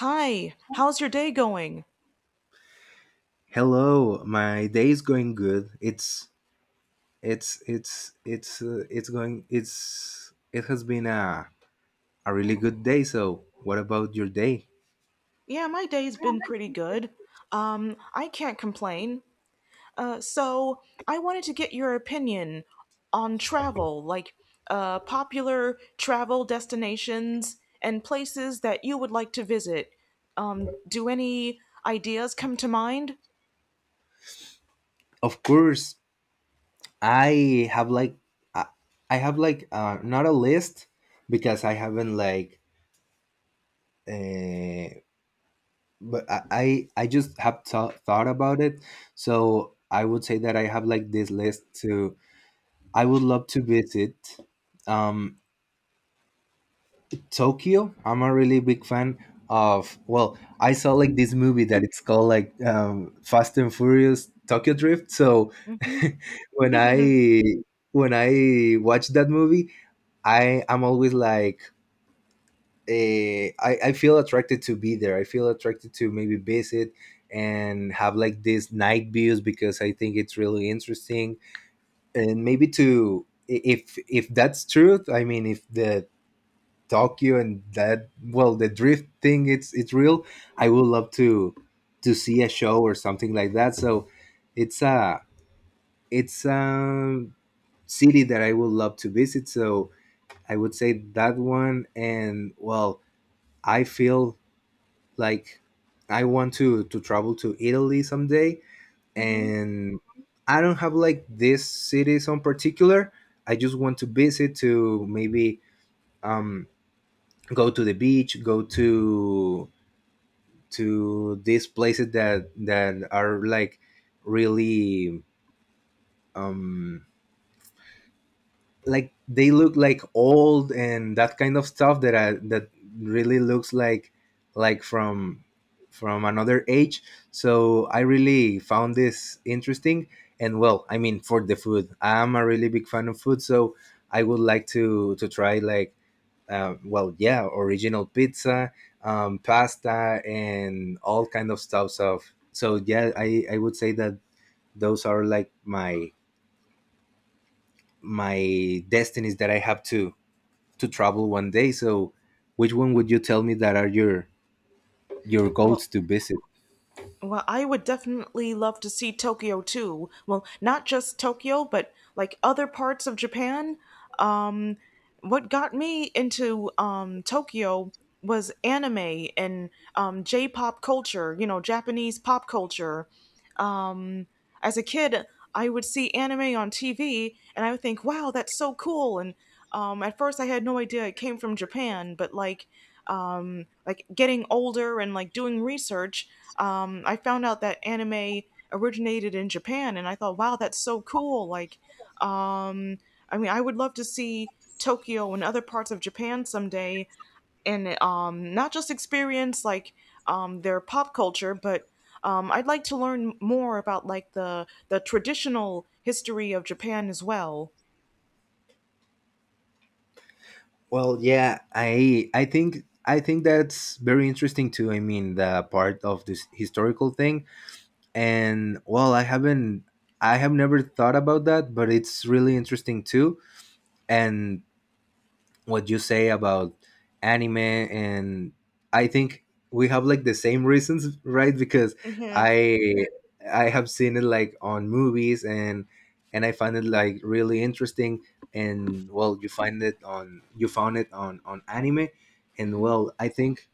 Hi, how's your day going? Hello, my day is going good. It's going it's it has been a really good day. So, what about your day? Yeah, my day's been pretty good. I can't complain. So I wanted to get your opinion on travel, like popular travel destinations and places that you would like to visit. Do any ideas come to mind? Of course, I have like I, I have like not a list because I haven't like uh, but I just have thought about it. So, I would say that I have like this list to I would love to visit. Um Tokyo. I'm a really big fan of. Well, I saw like this movie that it's called like Fast and Furious Tokyo Drift. So Hmm. when I when I watch that movie, I am always like I feel attracted to be there. I feel attracted to maybe visit and have like these night views because I think it's really interesting and maybe to if that's truth, I mean if the Tokyo and that, well, the drift thing, it's real. I would love to see a show or something like that. So it's a it's a city that I would love to visit. So I would say that one. And well, I feel like I want to travel to Italy someday. Hmm. And I don't have like these cities on particular. I just want to visit, to maybe um go to the beach, go to these places that are like really um like they look like old and that kind of stuff that that really looks like from another age. So I really found this interesting. And well, I mean, for the food, I'm a really big fan of food. So I would like to try like yeah, original pizza, pasta, and all kind of stuff. So, so yeah, I would say that those are like my destinies that I have to travel one day. So, which one would you tell me that are your Well, goals to visit? Well, I would definitely love to see Tokyo too. Well, not just Tokyo, but like other parts of Japan. Um, what got me into Tokyo was anime and J-pop culture, you know, Japanese pop culture. Um, as a kid, I would see anime on TV and I would think, wow, that's so cool. And at first, I had no idea it came from Japan, but like getting older and like doing research, I found out that anime originated in Japan, and I thought, wow, that's so cool. Like, um, I mean, I would love to see Tokyo and other parts of Japan someday and not just experience like their pop culture, but I'd like to learn more about like the traditional history of Japan as well. Well, yeah, I think that's very interesting too. I mean, the part of this historical thing, and well, I have never thought about that, but it's really interesting too. And what you say about anime and I think we have like the same reasons, right? Because Mhm. i I have seen it like on movies and I find it like really interesting. And well, you find it on, you found it on anime. And Mhm. well, I think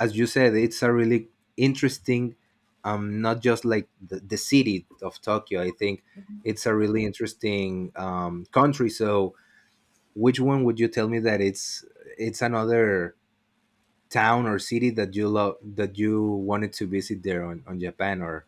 as you said, it's a really interesting not just like the city of Tokyo. I think it's a really interesting country. So which one would you tell me that it's another town or city that you love, that you wanted to visit there on Japan or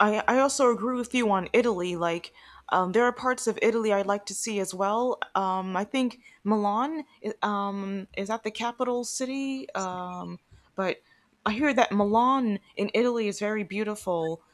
I also agree with you on Italy. Like, there are parts of Italy I'd like to see as well. I think is that the capital city, but I hear that Milan in Italy is very beautiful.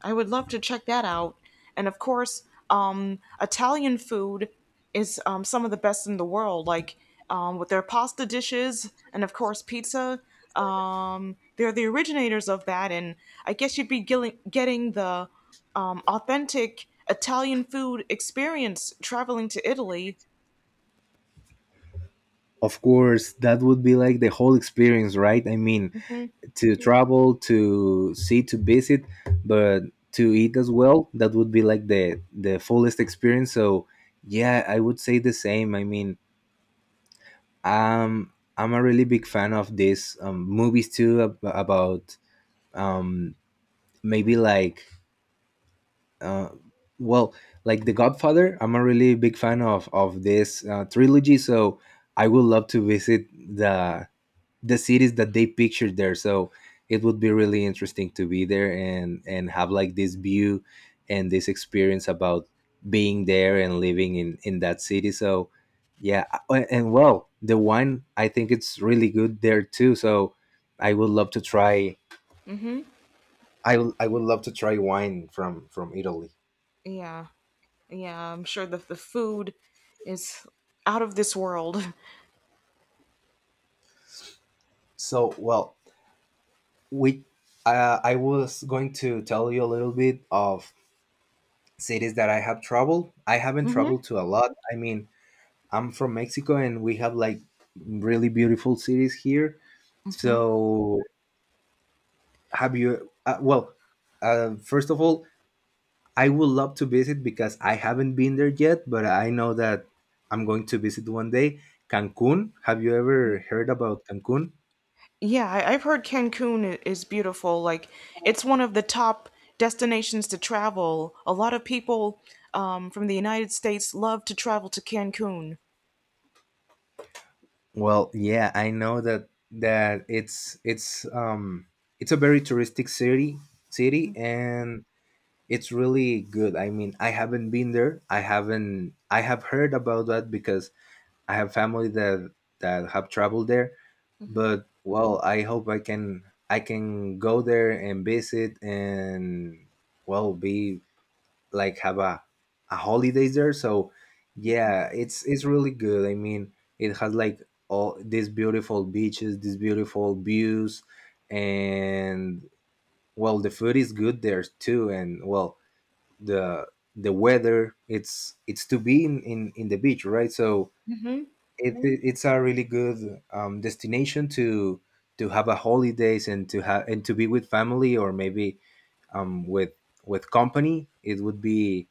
I would love to check that out. And of course, Italian food is some of the best in the world, like with their pasta dishes and, of course, pizza. They're the originators of that. And I guess you'd be getting the authentic Italian food experience traveling to Italy. of course that would be like the whole experience, right? I mean, Hmm. to travel, to see, to visit, but to eat as well, that would be like the fullest experience. So yeah, I would say the same. I mean, I'm a really big fan of these movies too about um maybe like uh, well, like The Godfather. I'm a really big fan of this trilogy. So I would love to visit the cities that they pictured there. So it would be really interesting to be there and have like this view and this experience about being there and living in that city. So yeah, and well, the wine, I think it's really good there too. So I would love to try. Hmm. I would love to try wine from Italy. Yeah. Yeah. I'm sure that the food is out of this world. So well, we I was going to tell you a little bit of cities that I have traveled. I haven't Hmm. traveled to a lot. I mean, I'm from Mexico and we have like really beautiful cities here. Hmm. So have you first of all, I would love to visit, because I haven't been there yet, but I know that I'm going to visit one day, Cancun. Have you ever heard about Cancun? Yeah, I've heard is beautiful. Like, it's one of the top destinations to travel. A lot of people from the United States love to travel to Cancun. Well, yeah, I know that it's it's a very touristic city. And it's really good. I mean, I haven't been there. I haven't I have heard about that because I have family that that have traveled there, Hmm. but well, I can go there and visit and well be like have a holidays there. So yeah, it's really good. I mean, it has like all these beautiful beaches, these beautiful views, and well, the food is good there too, and well, the the weather, it's to be in in the beach, right? So Hmm. Mm. It's a really good destination to have a holidays, and to have and to be with family or maybe um, with with company. It would be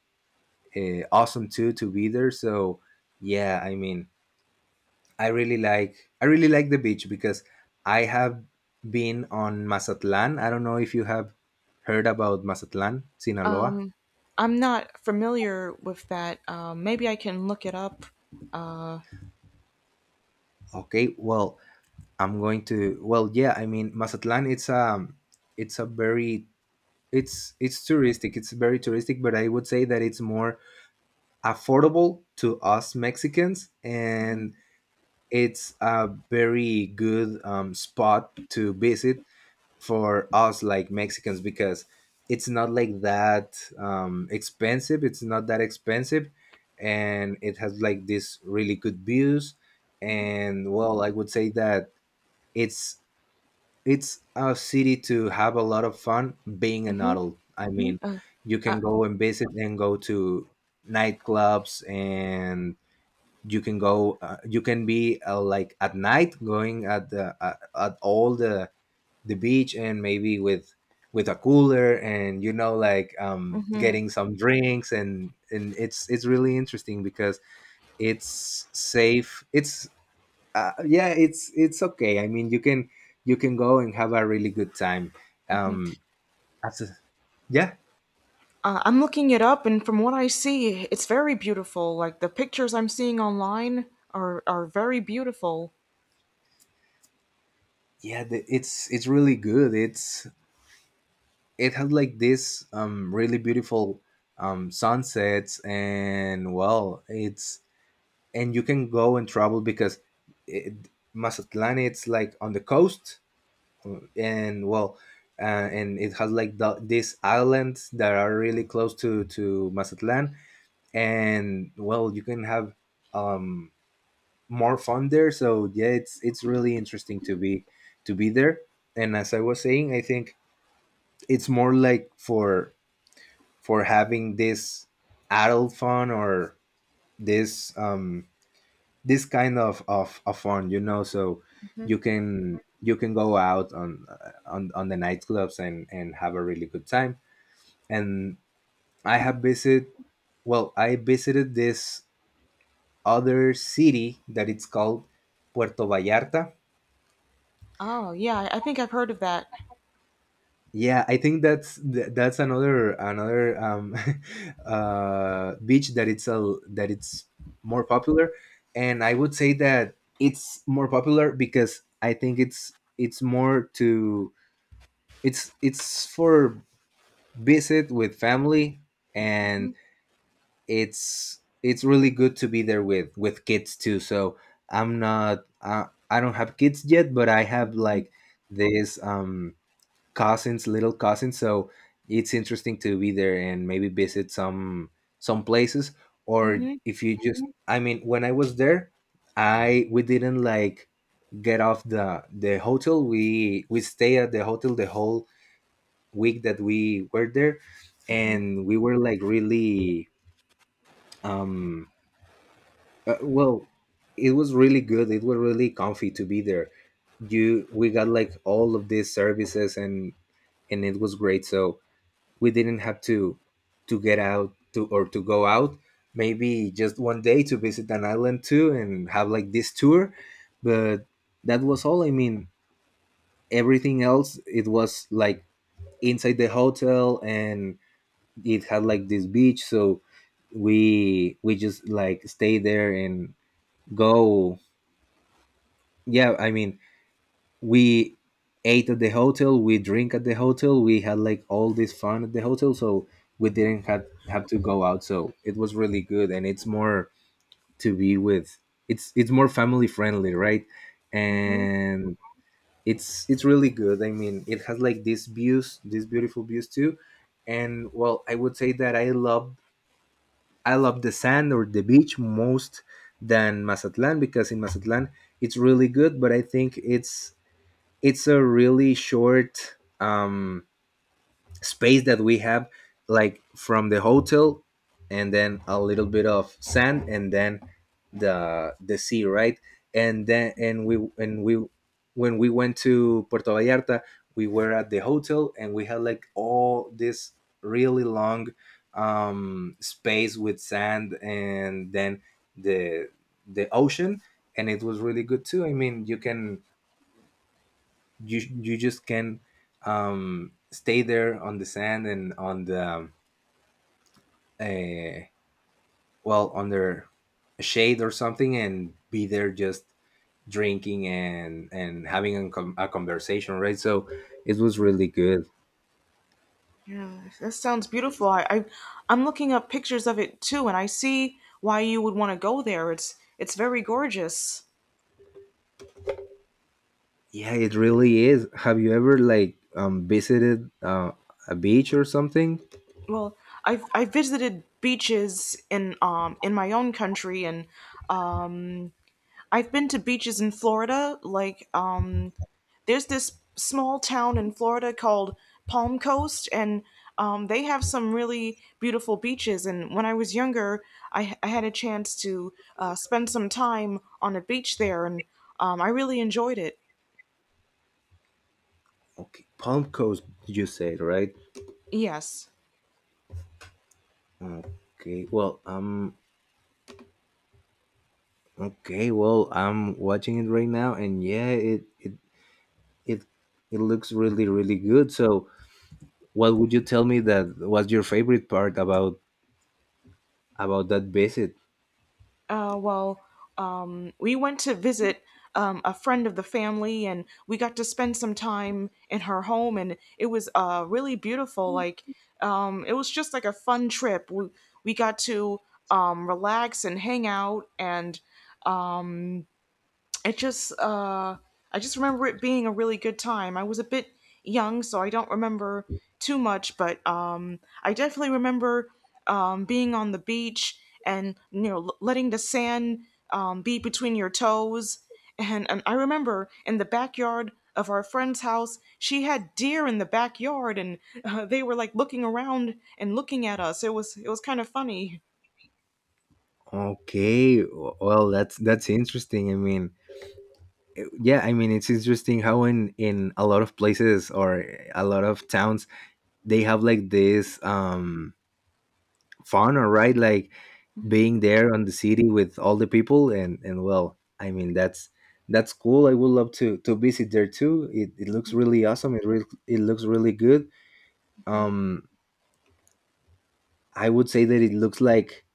awesome too to be there. So yeah, I mean, I really like the beach because I have been on Mazatlan. I don't know if you have heard about Mazatlan, Sinaloa. I'm not familiar with that. Maybe I can look it up. Uh, Okay, well, I'm going to, well, yeah, I mean, Mazatlan, it's a very it's touristic. It's very touristic, but I would say that it's more affordable to us Mexicans, and it's a very good spot to visit for us like Mexicans, because it's not like that expensive. It's not that expensive, and it has like this really good views. And well, I would say that it's it's a city to have a lot of fun being an hmm. adult. I mean, you uh, can go and visit and go to nightclubs and you can go you can be like at night, going at the at all the beach, and maybe with a cooler, and you know, like getting some drinks. And it's really interesting because it's safe. It's yeah, it's okay. I mean, you can go and have a really good time. um as a- yeah, I'm looking it up, and from what I see, it's very beautiful. Like, the pictures I'm seeing online are very beautiful. yeah, it's really good. It's it had like this really beautiful sunsets. And well, it's and you can go and travel because it, Mazatlán it's like on the coast, and well, and it has like these islands that are really close to Mazatlán, and well, you can have um, more fun there. So yeah, it's really interesting to be there. And as I was saying, I think it's more like for having this adult fun, or this this kind of of fun, you know. So you can go out on the nightclubs and have a really good time. And I have visited, well, I visited this other city that it's called Puerto Vallarta. Oh, yeah, I think I've heard of that. Yeah, I think that's that's another another beach that it's a that it's more popular. And I would say that it's more popular because I think it's more to, it's for visit with family. Hmm. And it's really good to be there with kids too. So I'm not I don't have kids yet, but I have like this cousins, little cousins. So it's interesting to be there and maybe visit some places, or Mm-hmm. if you just Mhm. I mean, when I was there, I we didn't like get off the hotel. We stay at the hotel the whole week that we were there. And we were like really um uh, well it was really good. It was really comfy to be there. You We got like all of these services, and it was great. So we didn't have to get out to, or to go out, maybe just one day to visit an island too and have like this tour. But that was all. I mean, everything else, it was like inside the hotel. And it had like this beach. So we just like stay there and go. Yeah, I mean, we ate at the hotel, we drink at the hotel, we had like all this fun at the hotel. So we didn't have to go out. So it was really good. And it's more to be with, it's more family friendly, right? Mm-hmm. And it's really good. I mean, it has like these views, these beautiful views too. And well, I would say that I love the sand or the beach most than Mazatlan, because in Mazatlan it's really good, but I think it's a really short space that we have like from the hotel, and then a little bit of sand, and then the sea, right? And then and we, when we went to Puerto Vallarta, we were at the hotel and we had like all this really long space with sand, and then the the ocean. And it was really good too. I mean you can you just can stay there on the sand and on the uh, well, under a shade or something and be there just drinking and having a conversation, right? So it was really good. Yeah, that sounds beautiful. I'm looking up pictures of it too, and I see why you would want to go there. It's very gorgeous. Yeah, it really is. Have you ever like visited a beach or something? Well, I've visited beaches in my own country, and I've been to beaches in Florida, like there's this small town in Florida called Palm Coast, and they have some really beautiful beaches. And when I was younger, I had a chance to spend some time on a beach there, and I really enjoyed it. Okay, palm coast you said, right? Yes. Okay. Okay, well, I'm watching it right now and yeah, it it it looks really really good. So, what would you tell me that was your favorite part about that visit? Well, we went to visit a friend of the family, and we got to spend some time in her home, and it was really beautiful. Like, it was just like a fun trip. We got to relax and hang out, and it just I just remember it being a really good time. I was a bit young, so I don't remember too much, but I definitely remember being on the beach and you know letting the sand be between your toes and I remember in the backyard of our friend's house, she had deer in the backyard and they were like looking around and looking at us. It was kind of funny. Okay, well, that's interesting. I mean, yeah, I mean it's interesting how in a lot of places or a lot of towns they have like this fun or right, like being there on the city with all the people and well, I mean that's cool. I would love to visit there too. It looks really awesome. It looks really good. Um I would say that it looks like,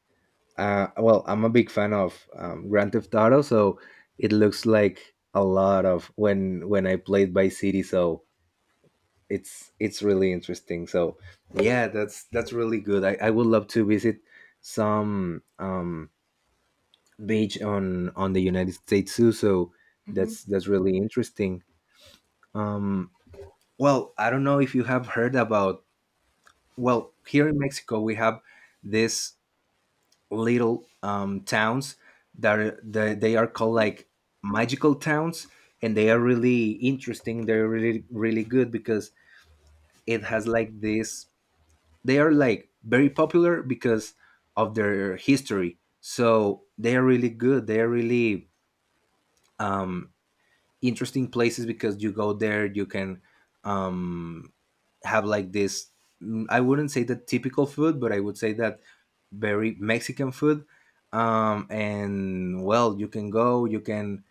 well, I'm a big fan of Grand Theft Auto, so it looks like a lot of when I played by City. So it's really interesting. So yeah, that's really good. I would love to visit some beach on the United States too. So that's really interesting. Um, well, I don't know if you have heard about. Well, here in Mexico, we have this little towns that are, that they are called like magical towns, and they are really interesting. They're really really good because it has like this. They are like very popular because of their history. So they are really good. They are really um, interesting places because you go there, you can um, have like this I wouldn't say the typical food, but I would say that very Mexican food. And well, you can go, you can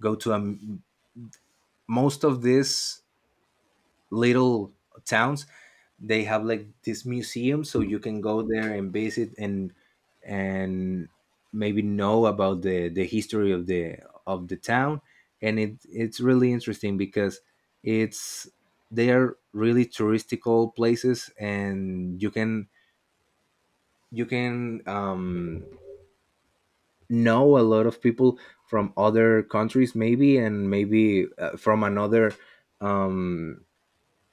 go to a m most of this little towns, they have like this museum, so you can go there and visit and and maybe know about the history of the town. And it's really interesting because it's they are really touristical places and you can you can um know a lot of people from other countries maybe and maybe from another um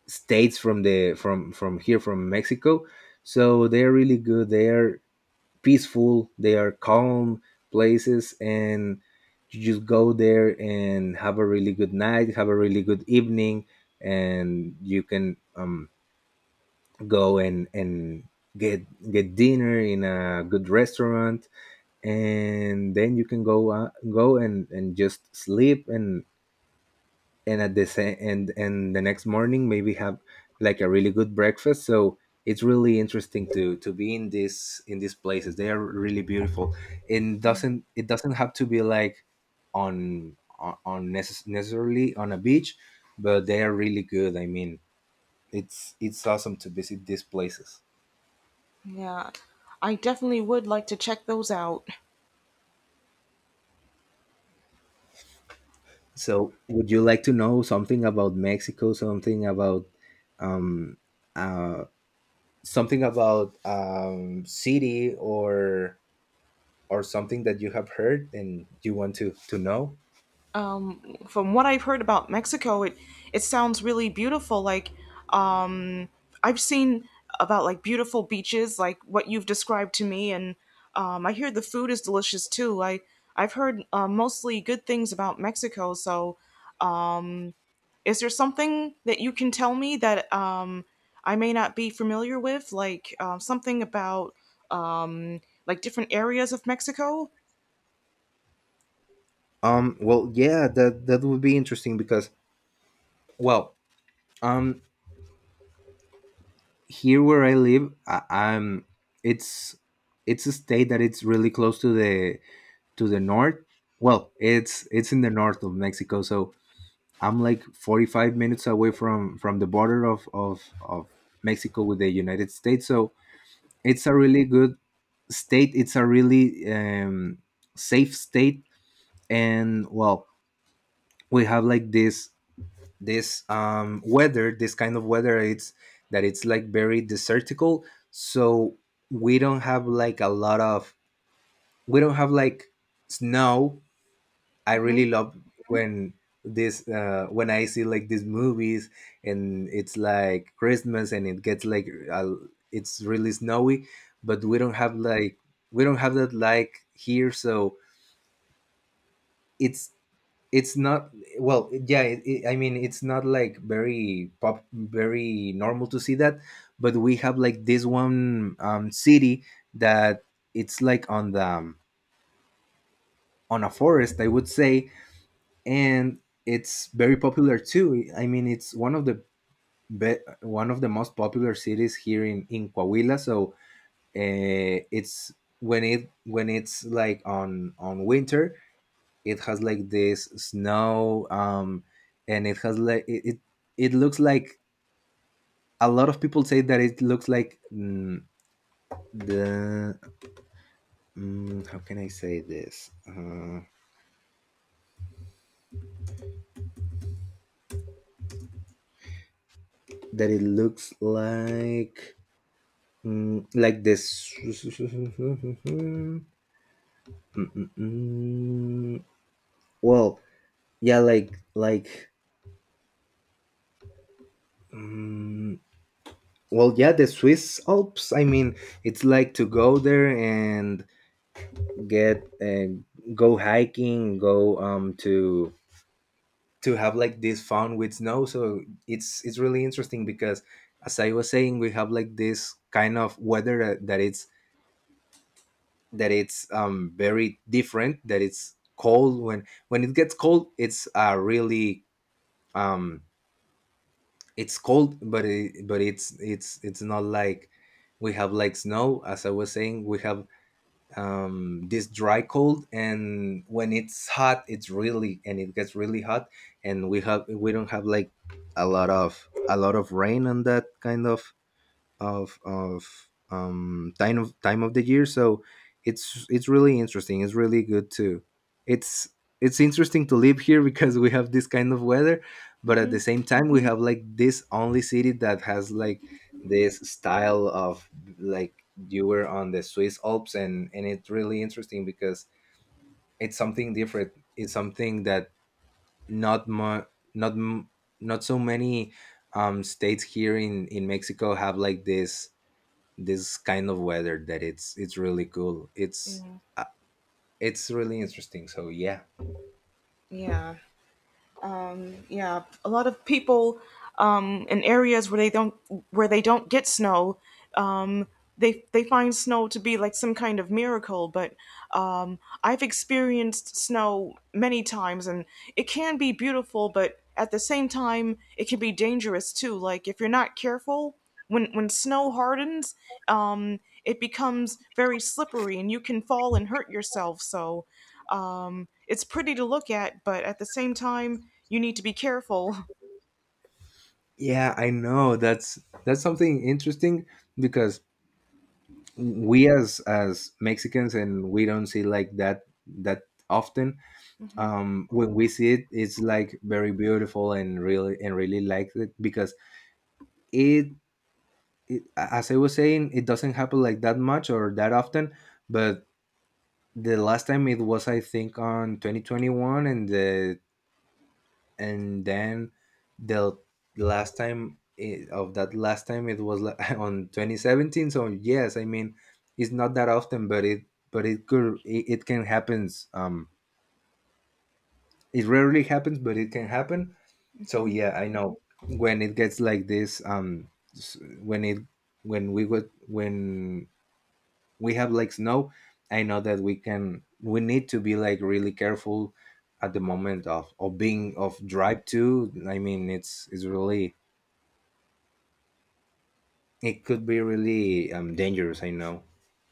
states from the from here from Mexico. So they're really good. They are peaceful. They are calm places, and you just go there and have a really good night, have a really good evening, and you can go and get get dinner in a good restaurant, and then you can go go and just sleep and at the same and the next morning maybe have like a really good breakfast. So it's really interesting to be in this in these places. They are really beautiful and doesn't it doesn't have to be like on necessarily on a beach, but they are really good. I mean, it's awesome to visit these places. Yeah, I definitely would like to check those out. So would you like to know something about Mexico, um uh something about city or something that you have heard and you want to know? From what I've heard about Mexico, it sounds really beautiful. Like, um, I've seen about like beautiful beaches, like what you've described to me, and I hear the food is delicious too. I've heard mostly good things about Mexico. So, is there something that you can tell me that I may not be familiar with, like something about like different areas of Mexico? Well, yeah, that would be interesting because, well, um, here where I live, I'm it's it's a state that it's really close to the north. Well, it's in the north of Mexico, so I'm like 45 minutes away from the border of Mexico with the United States. So it's a really good state. It's a really safe state, and well, we have like this weather, this kind of weather. It's That it's like very desertical, so we don't have like a lot of, we don't have like snow. I Hmm. really love when this when I see like these movies and it's like Christmas and it gets like it's really snowy, but we don't have like, we don't have that like here. So it's it's not, well, yeah, I mean it's not like very pop, very normal to see that. But we have like this one city that it's like on the on a forest, I would say, and it's very popular too. I mean it's one of the one of the most popular cities here in Coahuila. So it's when it when it's like on winter, it has like this snow. And it has like it looks like, a lot of people say that it looks like the how can I say this, that it looks like like this. Mm, mm, mm. Well, yeah, like mm, well, yeah, the Swiss Alps. I mean, it's like to go there and get and go hiking, go to have like this fun with snow. So it's really interesting because as I was saying, we have like this kind of weather that it's very different, that it's cold. When it gets cold, it's really, um it's cold, but it's not like we have like snow. As I was saying, we have this dry cold. And when it's hot, it's really, and it gets really hot, and we have, we don't have like a lot of, a lot of rain on that kind of time of the year. So it's really interesting, it's really good too. it's it's interesting to live here because we have this kind of weather, but at Hmm. the same time we have like this only city that has like this style of, like you were on the Swiss Alps. And it's really interesting because it's something different, it's something that not mu- not m- not so many states here in Mexico have like this kind of weather that it's really cool. Uh, it's really interesting, so yeah. Yeah. Yeah, a lot of people in areas where they don't get snow, um, they find snow to be like some kind of miracle. But I've experienced snow many times, and it can be beautiful, but at the same time, it can be dangerous too. Like if you're not careful, when snow hardens, um, it becomes very slippery, and you can fall and hurt yourself. So. It's pretty to look at, but at the same time, you need to be careful. Yeah, I know, that's something interesting because we, as Mexicans, and we don't see like that that often. When we see it, it's like very beautiful and really, and really like it, because it, it, as I was saying, it doesn't happen like that much or that often. But the last time it was, I think, on 2021. And the and then the last time of that, last time it was like on 2017. So yes, I mean, it's not that often, but it could, it can happens. It rarely happens, but it can happen. So yeah, I know. When it gets like this when it, when we would when we have like snow, I know that we can, we need to be like really careful at the moment of being of drive to. I mean, it's really, it could be really dangerous, I know.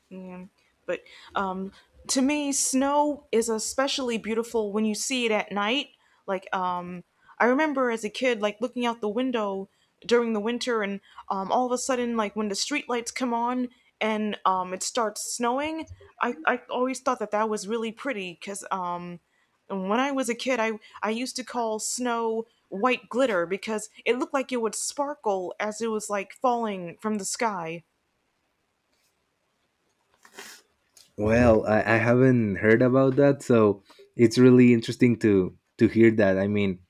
Yeah. But um, to me, snow is especially beautiful when you see it at night. Like, I remember as a kid, like looking out the window during the winter, and all of a sudden, like when the street lights come on and it starts snowing, I always thought that that was really pretty because when I was a kid, I used to call snow white glitter because it looked like it would sparkle as it was like falling from the sky. Well, I haven't heard about that, so it's really interesting to hear that. I mean,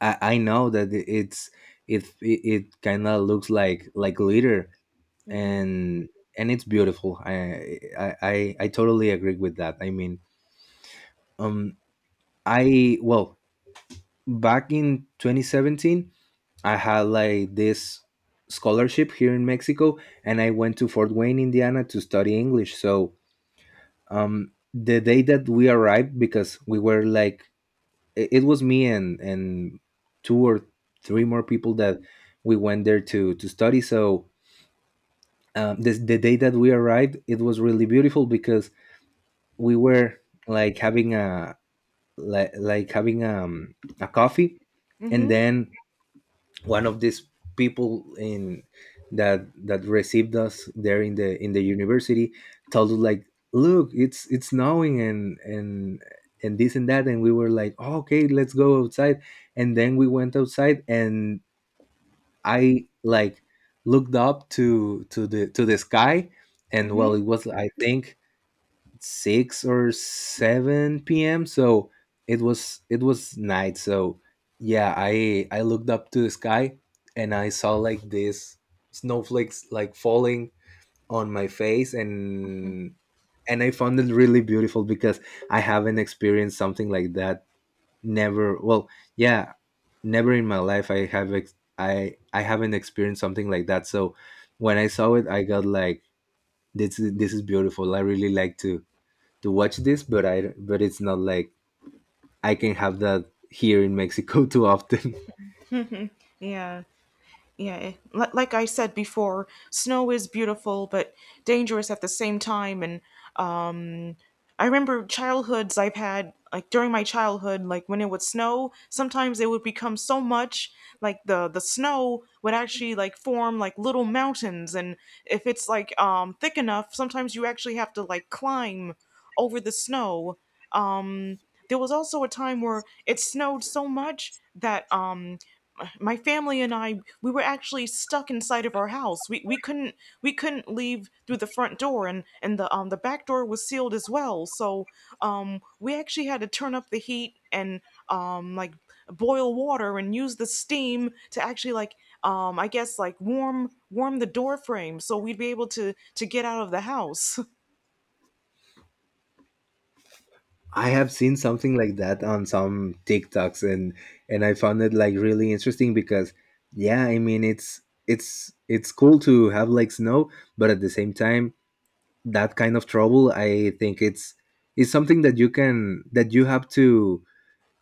I know that it's it kind of looks like glitter, Hmm. and it's beautiful. I totally agree with that. I mean, um I, well, back in 2017 I had like this scholarship here in Mexico, and I went to Fort Wayne, Indiana to study English. So the day that we arrived, because we were like, it was me and two or three more people that we went there to study. So the day that we arrived it was really beautiful because we were like having a like having a coffee. Mm And hmm. then one of these people in that received us there in the university told us like, look, it's snowing and and this and that. And we were like, "Oh, okay, let's go outside." And then we went outside and I like looked up to the sky. And well, it Mm was, I think, six or seven p.m. So it was, it was night. So yeah, I looked up to the sky and I saw like this snowflakes like falling on my face. hmm. And I found it really beautiful because I haven't experienced something like that. Never. Well, yeah, never in my life I have I haven't experienced something like that. So when I saw it, I got like, this is, this is beautiful. I really like to watch this, but I but it's not like I can have that here in Mexico too often. Yeah, yeah. Like I said before, snow is beautiful but dangerous at the same time. And um, I remember childhoods I've had, like during my childhood, like when it would snow, sometimes it would become so much, like the snow would actually like form like little mountains. And if it's like thick enough, sometimes you actually have to like climb over the snow. Um, there was also a time where it snowed so much that my family and I we were actually stuck inside of our house. We we couldn't leave through the front door and the back door was sealed as well. So we actually had to turn up the heat and like boil water and use the steam to actually like I guess like warm the door frame so we'd be able to get out of the house. I have seen something like that on some TikToks and I found it like really interesting because yeah, I mean it's cool to have like snow, but at the same time that kind of trouble I think it's something that you can that you have to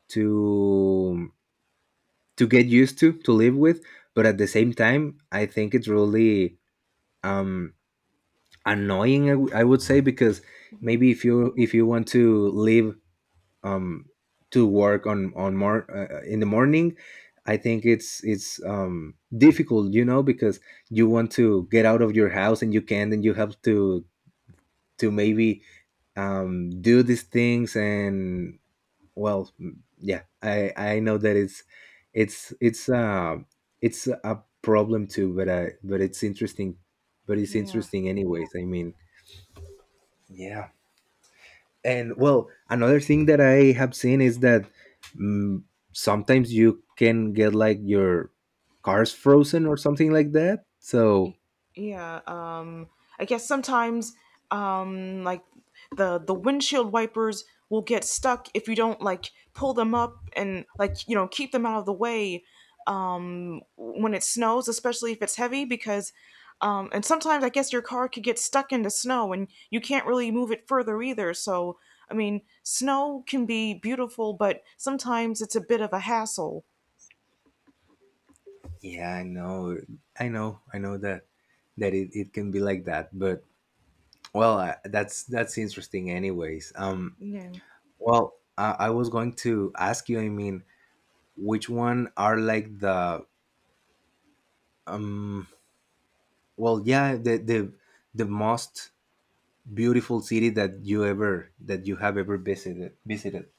to to get used to live with, but at the same time I think it's really um annoying I would say because Mhm. maybe if you want to leave um to work on more in the morning. I think it's difficult you know because you want to get out of your house and you can't and you have to maybe do these things and. Well, yeah, I know that it's it's a problem too, but I but it's interesting, but it's Yeah. interesting anyways. I mean, yeah. And well, another thing that I have seen is that, mm, sometimes you can get like your cars frozen or something like that. So Yeah, I guess sometimes like the windshield wipers will get stuck if you don't like pull them up and like you know keep them out of the way when it snows, especially if it's heavy, because and sometimes I guess your car could get stuck in the snow and you can't really move it further either. So I mean, snow can be beautiful, but sometimes it's a bit of a hassle. yeah, I know, I know that that it can be like that, but well that's interesting anyways. Yeah. Well I was going to ask you, I mean, which one are like the um well yeah the most beautiful city that you ever that you have ever visited?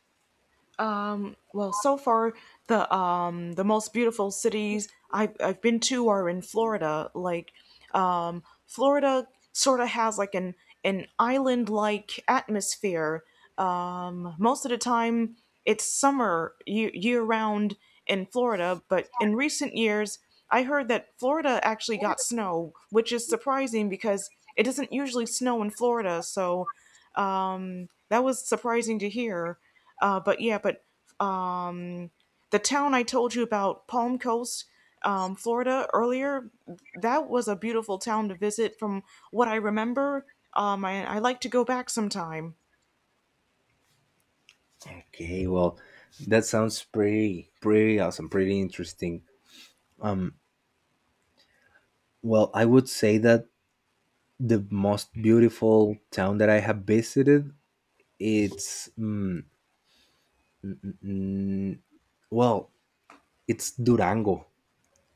Well, so far the most beautiful cities I've been to are in Florida. Like, Florida sort of has like an island like atmosphere. Most of the time it's summer year round in Florida, but in recent years I heard that Florida actually got snow, which is surprising because it doesn't usually snow in Florida. So, that was surprising to hear. But yeah, but um, the town I told you about, Palm Coast, Florida, earlier, that was a beautiful town to visit from what I remember. I like to go back sometime. Okay, well, that sounds pretty pretty awesome, pretty interesting. um well, I would say that the most beautiful town that I have visited, it's mm, mm, mm, well, it's Durango.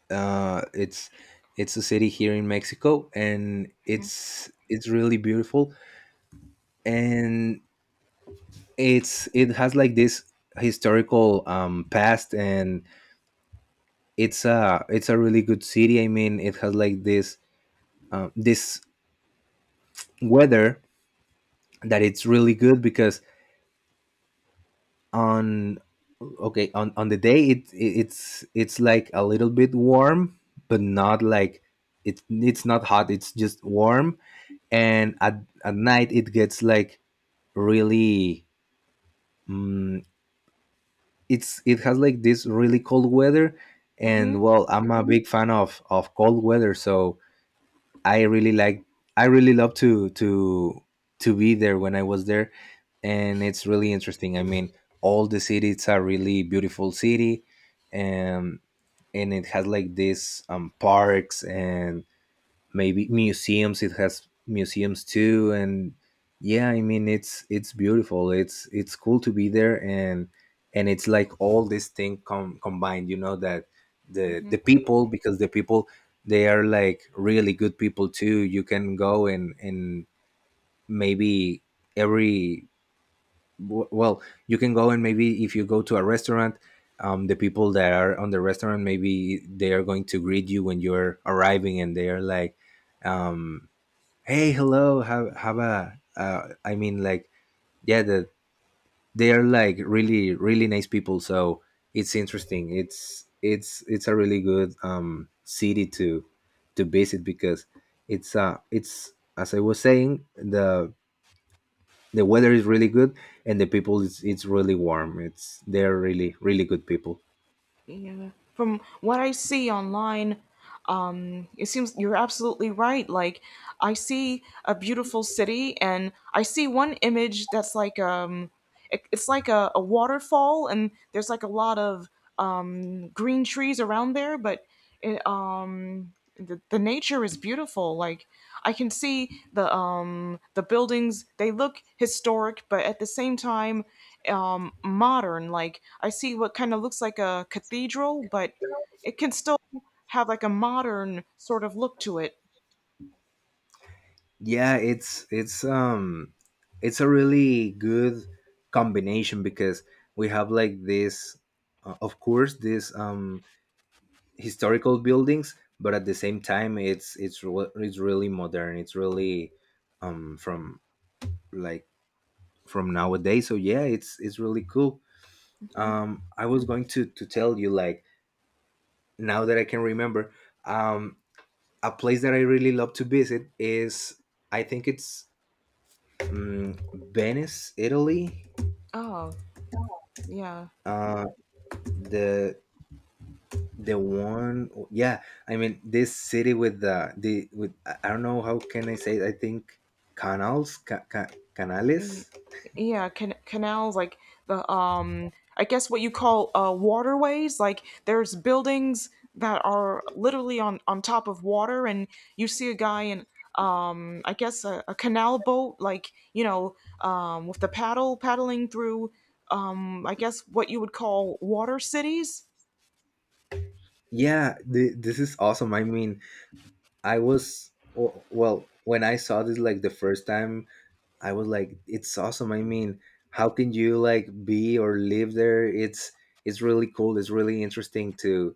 uh it's it's a city here in Mexico, and it's really beautiful. And it's it has like this historical past, and it's a really good city. I mean, it has like this this weather that it's really good because on okay, on the day, it it's like a little bit warm, but not like it it's not hot, it's just warm. And at night it gets like really mm, it's it has like this really cold weather. Mm-hmm. And well, I'm a big fan of cold weather. So I really like, I really love to be there when I was there. And it's really interesting. I mean, all the city it's a really beautiful city. and and it has like this parks and maybe museums, it has museums too. And yeah, I mean, it's beautiful, it's cool to be there. And it's like all this combined, you know, that Mm-hmm. the people, because the people they are like really good people too. You can go and maybe every well, you can go and maybe if you go to a restaurant, the people that are on the restaurant maybe they are going to greet you when you're arriving, and they are like, um, hey, hello, have a I mean like yeah, the they are like really really nice people. So it's interesting, it's a really good city to visit, because it's as I was saying, the weather is really good, and the people it's really warm, it's they're really really good people. Yeah. From what I see online, it seems you're absolutely right. Like, I see a beautiful city, and I see one image that's like it's like a waterfall, and there's like a lot of green trees around there, but the nature is beautiful like I can see the buildings they look historic but at the same time modern like I see what kind of looks like a cathedral but it can still have like a modern sort of look to it. Yeah, it's a really good combination because we have like this of course this historical buildings, but at the same time it's really modern, it's really from like from nowadays. So yeah, it's really cool. I was going to tell you like, now that I can remember, um a place that I really love to visit is, I think it's, Mm, Venice, Italy. Oh, yeah. Uh, the the one, yeah. I mean, this city with the with, I don't know how can I say it, I think, canals, Y- canales. Yeah, can canals like the I guess what you call waterways, like there's buildings that are literally on top of water and you see a guy in I guess a canal boat like, you know, with the paddle paddling through I guess what you would call water cities. Yeah, this is awesome. I mean, well, when I saw this like the first time, I was like, it's awesome. I mean, how can you like be or live there? It's really cool. It's really interesting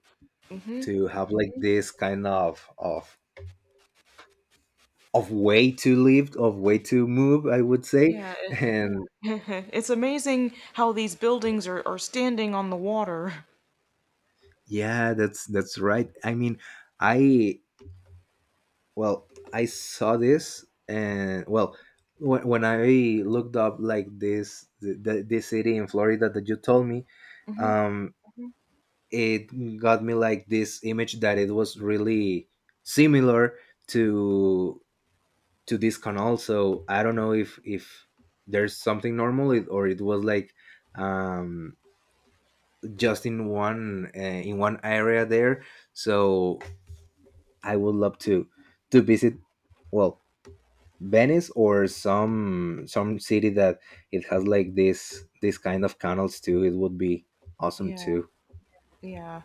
Mhm. to have like this kind of way to live, of way to move, I would say. Yeah, And it's amazing how these buildings are standing on the water. yeah, that's right. I mean, I well, I saw this, and well, when I looked up like this this city in Florida that you told me, Mhm. um Mhm. It got me like this image that it was really similar to to this canal. So I don't know if there's something normal or it was like um just in one area there. So I would love to visit, well, Venice or some city that it has like this kind of canals too. It would be awesome Yeah. too. Yeah.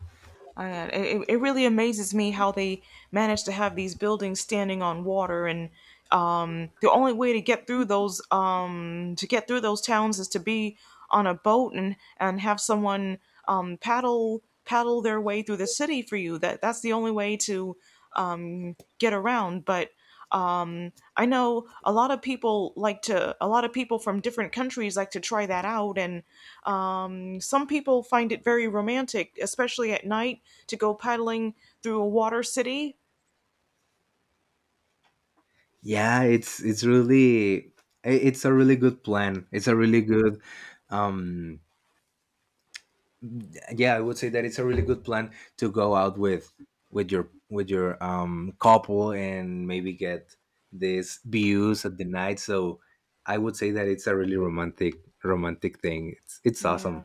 And it really amazes me how they manage to have these buildings standing on water and the only way to get through those to get through those towns is to be on a boat and have someone paddle their way through the city for you that that's the only way to get around but I know a lot of people like to a lot of people from different countries like to try that out and some people find it very romantic, especially at night, to go paddling through a water city. Yeah, it's really it's a really good plan. It's a really good um yeah, I would say that it's a really good plan to go out with your couple, and maybe get these views at the night. So I would say that it's a really romantic, romantic thing. It's Yeah. awesome.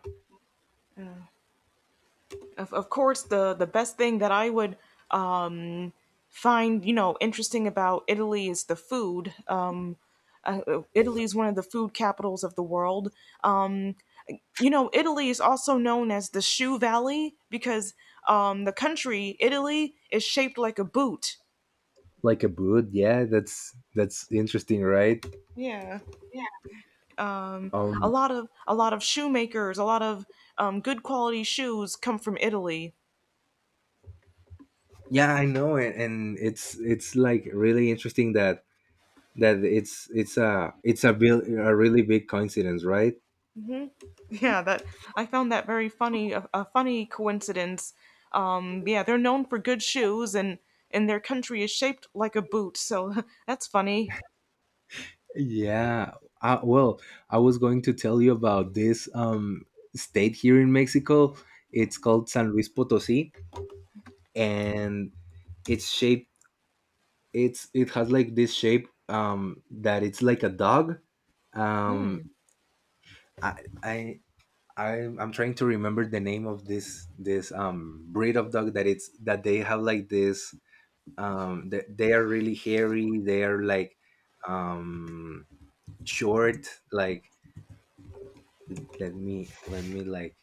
Of course, the best thing that I would um, find, you know, interesting about Italy is the food. Italy is one of the food capitals of the world. Um, you know, Italy is also known as the shoe valley because the country, Italy, is shaped like a boot. Like a boot, yeah, that's interesting, right? Yeah. Yeah. Um, um a lot of shoemakers, a lot of good quality shoes come from Italy. yeah, I know. And it's like really interesting that that it's a it's a really big coincidence, right? Yeah, that I found that very funny, a funny coincidence. Yeah, they're known for good shoes, and their country is shaped like a boot, so that's funny. Yeah. Well, I was going to tell you about this state here in Mexico. It's called San Luis Potosí, and it's shaped, It's it has like this shape, that it's like a dog. Hmm. Um, I I. I'm trying to remember the name of this this breed of dog that it's that they have like this, they are really hairy, they are like um, short, like, let me like,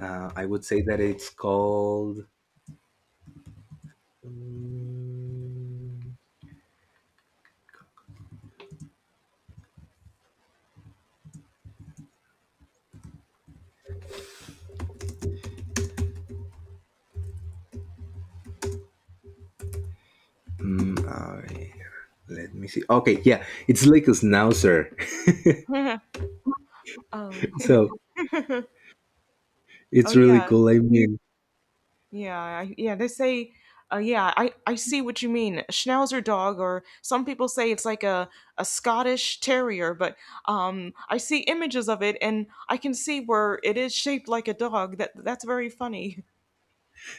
I would say that it's called, Mm, alright, let me see. Okay, yeah, it's like a schnauzer. Oh, oh So it's really yeah. cool, I mean. Yeah, yeah, they say, yeah, I see what you mean. A Schnauzer dog, or some people say it's like a Scottish terrier, but I see images of it and I can see where it is shaped like a dog. That that's very funny.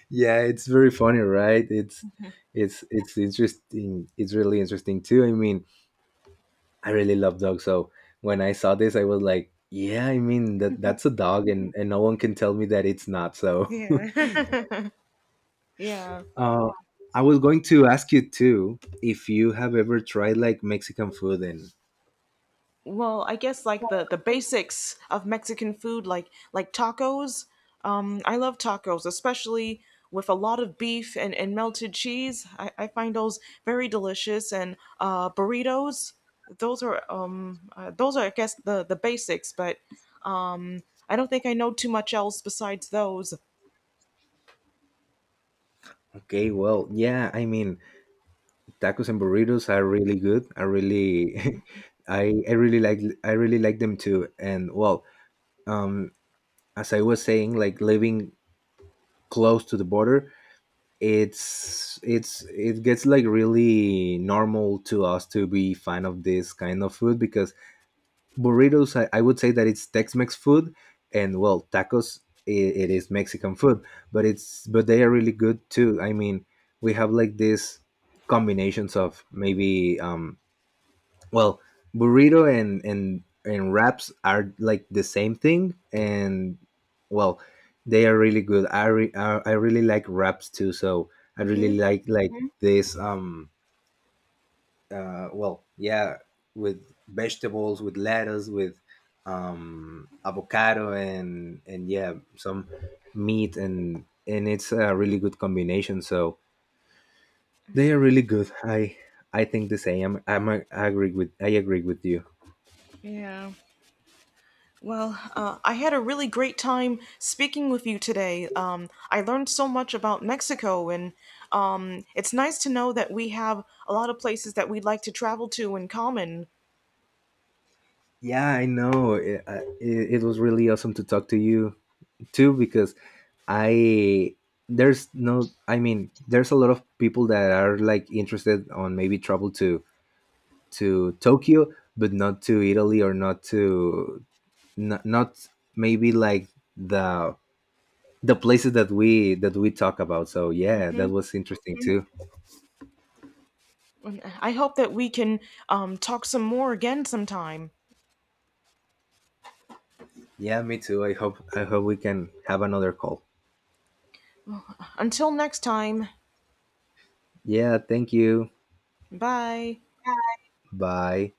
Yeah, it's very funny, right? It's it's interesting, it's really interesting too, I mean, I really love dogs. So when I saw this I was like, yeah, I mean, that that's a dog, and no one can tell me that it's not. So Yeah. Yeah. Uh, I was going to ask you too if you have ever tried like Mexican food. And Well, I guess like the basics of Mexican food, like tacos. I love tacos, especially with a lot of beef and melted cheese. I find those very delicious, and burritos. Those are I guess the basics, but I don't think I know too much else besides those. okay, well, yeah, I mean, tacos and burritos are really good. I really, I really like, I really like them too. And well, um, as I was saying, like living close to the border, it's it gets like really normal to us to be fan of this kind of food because burritos, I would say that it's tex-mex food. And well, tacos, I it is Mexican food, but it's but they are really good too. I mean, we have like these combinations of maybe well, burrito and wraps are like the same thing. And well, they are really good. I really like wraps too. So I really Hmm. Like Mhm. this well, yeah, with vegetables, with lettuce, with avocado, and yeah, some meat, and it's a really good combination. So they are really good. I think the same. I agree with, I agree with you. Yeah. Well, I had a really great time speaking with you today. I learned so much about Mexico, and it's nice to know that we have a lot of places that we'd like to travel to in common. Yeah, I know. It, it was really awesome to talk to you too because I there's no, I mean there's a lot of people that are like interested on maybe travel to Tokyo, but not to Italy or not to not maybe like the the places that we talk about. So yeah, that was interesting too. I hope that we can talk some more again sometime. Yeah, me too. I hope we can have another call. Until next time, Yeah, thank you. bye. Bye.